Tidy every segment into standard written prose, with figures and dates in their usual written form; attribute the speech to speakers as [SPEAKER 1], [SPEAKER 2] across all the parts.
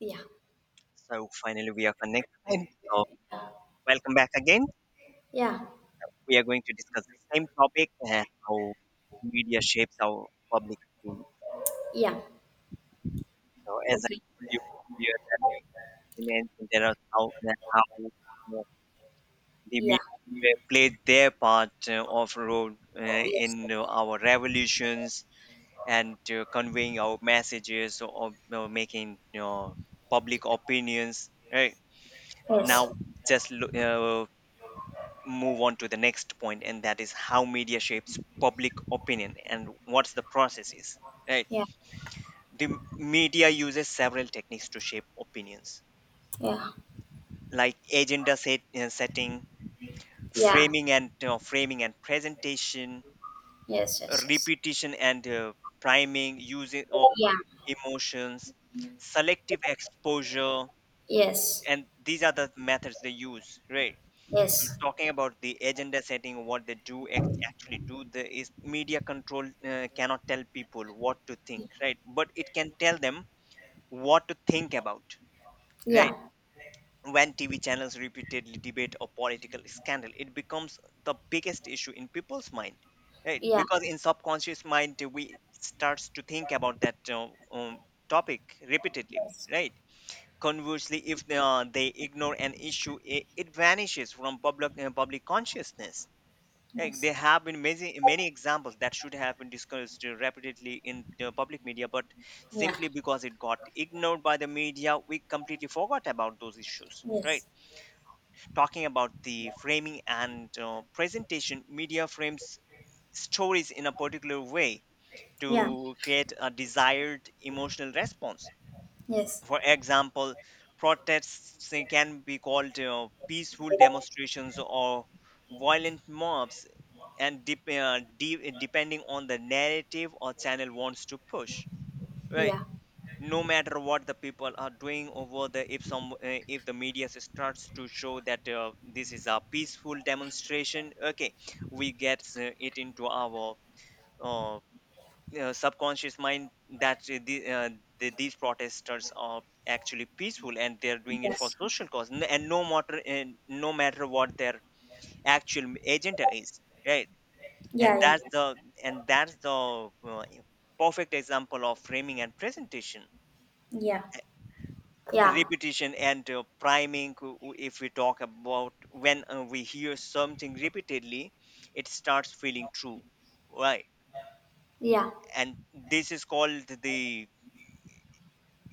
[SPEAKER 1] Yeah.
[SPEAKER 2] So finally, we are connected. So Welcome back again.
[SPEAKER 1] Yeah.
[SPEAKER 2] We are going to discuss the same topic and how media shapes our public opinion.
[SPEAKER 1] Yeah.
[SPEAKER 2] So as I
[SPEAKER 1] Okay.
[SPEAKER 2] told you earlier, in ancient era, how know, the
[SPEAKER 1] Yeah.
[SPEAKER 2] media played their part of role,
[SPEAKER 1] Yes.
[SPEAKER 2] in our revolutions and conveying our messages or making public opinions. Right now,
[SPEAKER 1] Yes.
[SPEAKER 2] just look, move on to the next point, and that is how media shapes public opinion and what's the process is. Right,
[SPEAKER 1] Yeah.
[SPEAKER 2] the media uses several techniques to shape opinions,
[SPEAKER 1] Yeah.
[SPEAKER 2] like agenda setting,
[SPEAKER 1] Yeah.
[SPEAKER 2] framing and presentation,
[SPEAKER 1] Yes. Yes. Yes.
[SPEAKER 2] repetition and priming, using of
[SPEAKER 1] Yeah.
[SPEAKER 2] emotions, selective exposure,
[SPEAKER 1] Yes.
[SPEAKER 2] and these are the methods they use, right? So
[SPEAKER 1] Yes.
[SPEAKER 2] talking about the agenda setting, what they actually do the is, media control cannot tell people what to think, right, but it can tell them what to think about, right?
[SPEAKER 1] Yeah.
[SPEAKER 2] When TV channels repeatedly debate a political scandal, it becomes the biggest issue in people's mind, right,
[SPEAKER 1] Yeah.
[SPEAKER 2] because in subconscious mind we starts to think about that topic repeatedly,
[SPEAKER 1] Yes.
[SPEAKER 2] right. Conversely, if they ignore an issue, it vanishes from public consciousness. Like
[SPEAKER 1] Yes.
[SPEAKER 2] there have been many many examples that should have been discussed repeatedly in the public media, but
[SPEAKER 1] Yeah.
[SPEAKER 2] simply because it got ignored by the media, we completely forgot about those issues. Right?
[SPEAKER 1] Yes.
[SPEAKER 2] Talking about the framing and presentation, media frames stories in a particular way
[SPEAKER 1] Yeah.
[SPEAKER 2] to create a desired emotional response.
[SPEAKER 1] Yes.
[SPEAKER 2] For example, protests can be called peaceful demonstrations or violent mobs, and depending on the narrative or channel wants to push, right?
[SPEAKER 1] Yeah.
[SPEAKER 2] No matter what the people are doing over the, if some if the media starts to show that this is a peaceful demonstration, okay, we get it into our uh, subconscious mind that these protesters are actually peaceful and they're doing it for
[SPEAKER 1] Yes.
[SPEAKER 2] social cause and no matter, and no matter what their actual agenda is, right? And
[SPEAKER 1] Yeah.
[SPEAKER 2] that's the perfect example of framing and presentation.
[SPEAKER 1] Yeah. Yeah. Yeah.
[SPEAKER 2] Repetition and priming, if we talk about, when we hear something repeatedly it starts feeling true, right?
[SPEAKER 1] Yeah.
[SPEAKER 2] And this is called the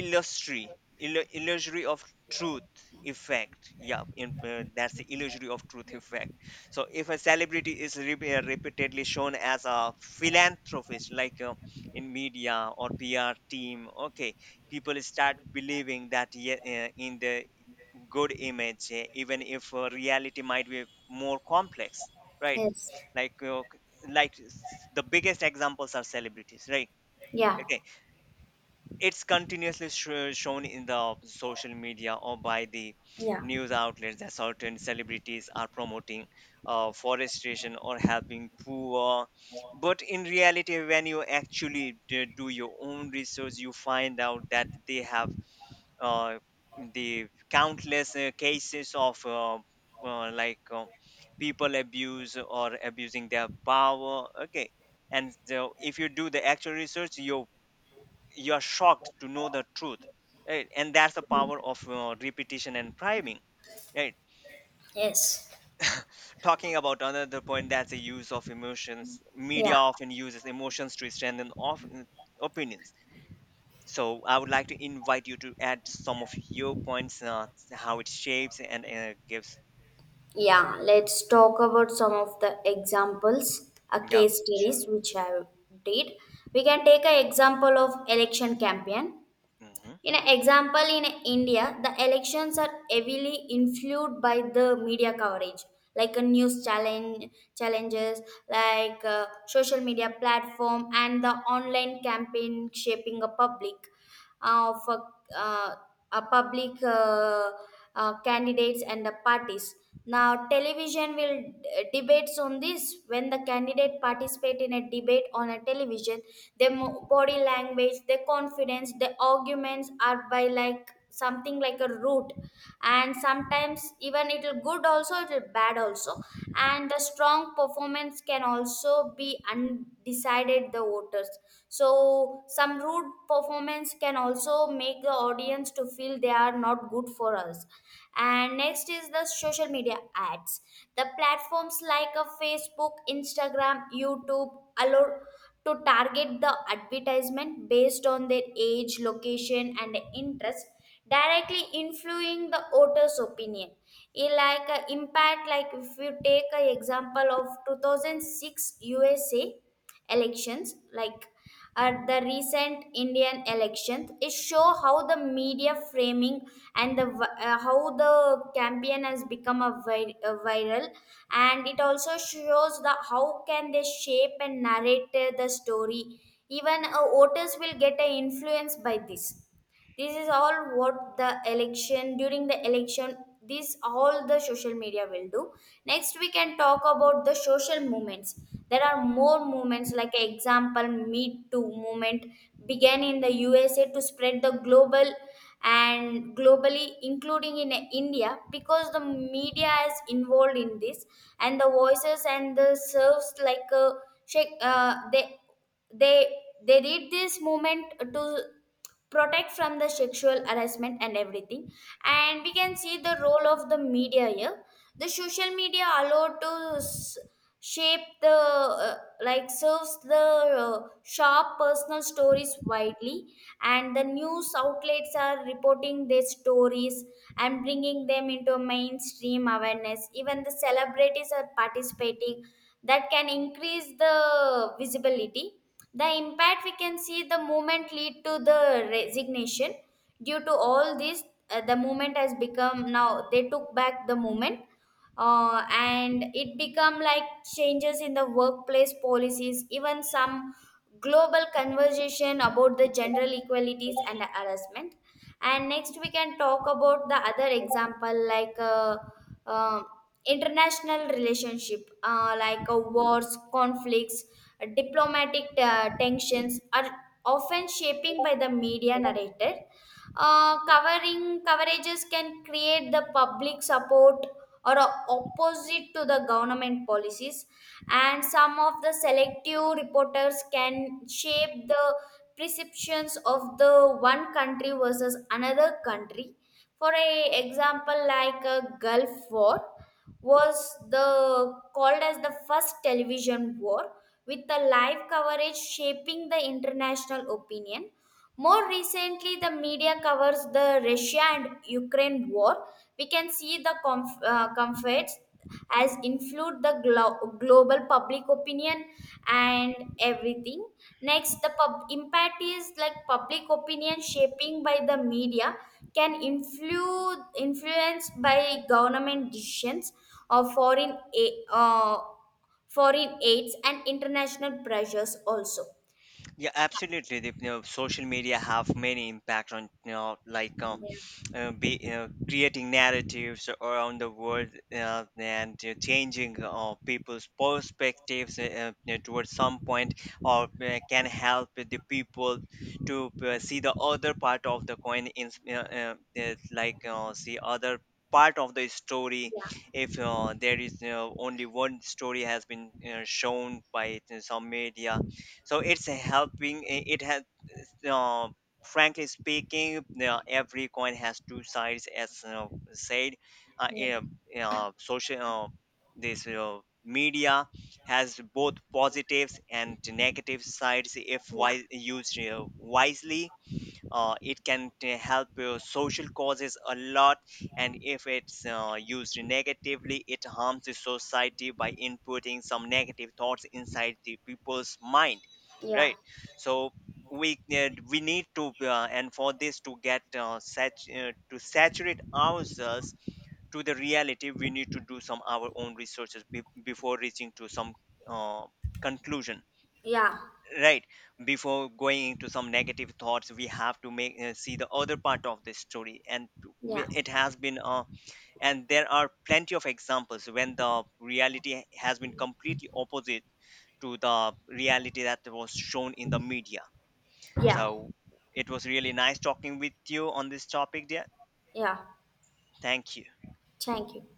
[SPEAKER 2] illusory illusory of truth effect. Yeah, that's the illusory of truth effect. So if a celebrity is repeatedly shown as a philanthropist, like in media or PR team, okay, people start believing that in the good image, even if reality might be more complex, right.
[SPEAKER 1] Yes.
[SPEAKER 2] Like the biggest examples are celebrities, right?
[SPEAKER 1] Yeah.
[SPEAKER 2] Okay, it's continuously shown in the social media or by the
[SPEAKER 1] Yeah.
[SPEAKER 2] news outlets that certain celebrities are promoting forestation or helping poor, but in reality when you actually do your own research you find out that they have uh, the countless cases of uh, like uh, people abuse or abusing their power, okay. And the, if you do the actual research you you are shocked to know the truth, right? And that's the power of repetition and priming, right.
[SPEAKER 1] Yes.
[SPEAKER 2] Talking about another point, that's the use of emotions. Media
[SPEAKER 1] Yeah.
[SPEAKER 2] often uses emotions to strengthen of opinions. So I would like to invite you to add some of your points, how it shapes and gives.
[SPEAKER 1] Yeah, let's talk about some of the examples, a
[SPEAKER 2] Yeah,
[SPEAKER 1] case
[SPEAKER 2] sure.
[SPEAKER 1] studies which I did. We can take an example of election campaign.
[SPEAKER 2] Mhm.
[SPEAKER 1] In an example in India, the elections are heavily influenced by the media coverage, like a news challenges, like social media platform and the online campaign shaping a public of uh, public candidates and the parties. Now, television will debates on this. When the candidate participate in a debate on a television, their body language, their confidence, their arguments are by like something like a root, and sometimes even it'll good also, it'll bad also, and the strong performance can also be undecided the voters, so some rude performance can also make the audience to feel they are not good for us. And next is the social media ads. The platforms like a Facebook, Instagram, YouTube allow to target the advertisement based on their age, location and interest, directly influencing the author's opinion. It like a impact, like if you take an example of 2006 USA elections, like at the recent Indian elections. It show how the media framing and the how the campaign has become a viral, and it also shows the how can they shape and narrate the story. Even voters will get influenced by this. This is all what the election, during the election, this all the social media will do. Next we can talk about the social movements. There are more movements like example Me Too movement, began in the USA to spread the global and globally including in India because the media is involved in this. And the voices and the serves like a shake they they did this movement to protect from the sexual harassment and everything. And we can see the role of the media here. The social media allowed to shape the uh, like serves the uh, sharp personal stories widely, and the news outlets are reporting their stories and bringing them into mainstream awareness. Even the celebrities are participating that can increase the visibility. The impact we can see, the movement lead to the resignation due to all this. The movement has become, now they took back the movement, and it become like changes in the workplace policies, even some global conversation about the gender equalities and harassment. And next we can talk about the other example, like uh, international relationship, like wars, conflicts, diplomatic tensions are often shaping by the media narrative. Covering coverages can create the public support or opposite to the government policies. And some of the selective reporters can shape the perceptions of the one country versus another country. For a example, like a Gulf War was the called as the first television war, with the live coverage shaping the international opinion. More recently, the media covers the Russia and Ukraine war. We can see the conflicts as influenced the global public opinion and everything. Next, the impact is like public opinion shaping by the media can influence by government decisions or foreign aids and international pressures also.
[SPEAKER 2] Yeah, absolutely. The, you know, social media have many impact on, like
[SPEAKER 1] Yeah,
[SPEAKER 2] be, you know, creating narratives around the world, and changing people's perspectives, you know, towards some point, or can help the people to see the other part of the coin in like see other part of the story.
[SPEAKER 1] yeah,
[SPEAKER 2] If there is, you know, only one story has been, you know, shown by some media, so it's helping, it has uh, frankly speaking, every coin has two sides, as said.
[SPEAKER 1] yeah.
[SPEAKER 2] Yeah, social this media has both positives and negative sides. If
[SPEAKER 1] Yeah.
[SPEAKER 2] wise, used wisely, it can help social causes a lot. And if it's used negatively, it harms the society by inputting some negative thoughts inside the people's mind,
[SPEAKER 1] Yeah,
[SPEAKER 2] right. So we need to and for this to to saturate ourselves to the reality, we need to do some our own researches before reaching to some uh, conclusion,
[SPEAKER 1] yeah,
[SPEAKER 2] right? Before going into some negative thoughts we have to make see the other part of the story, and
[SPEAKER 1] yeah,
[SPEAKER 2] it has been, and there are plenty of examples when the reality has been completely opposite to the reality that was shown in the media.
[SPEAKER 1] yeah,
[SPEAKER 2] So it was really nice talking with you on this topic, dear.
[SPEAKER 1] yeah.
[SPEAKER 2] Thank you.
[SPEAKER 1] Thank you.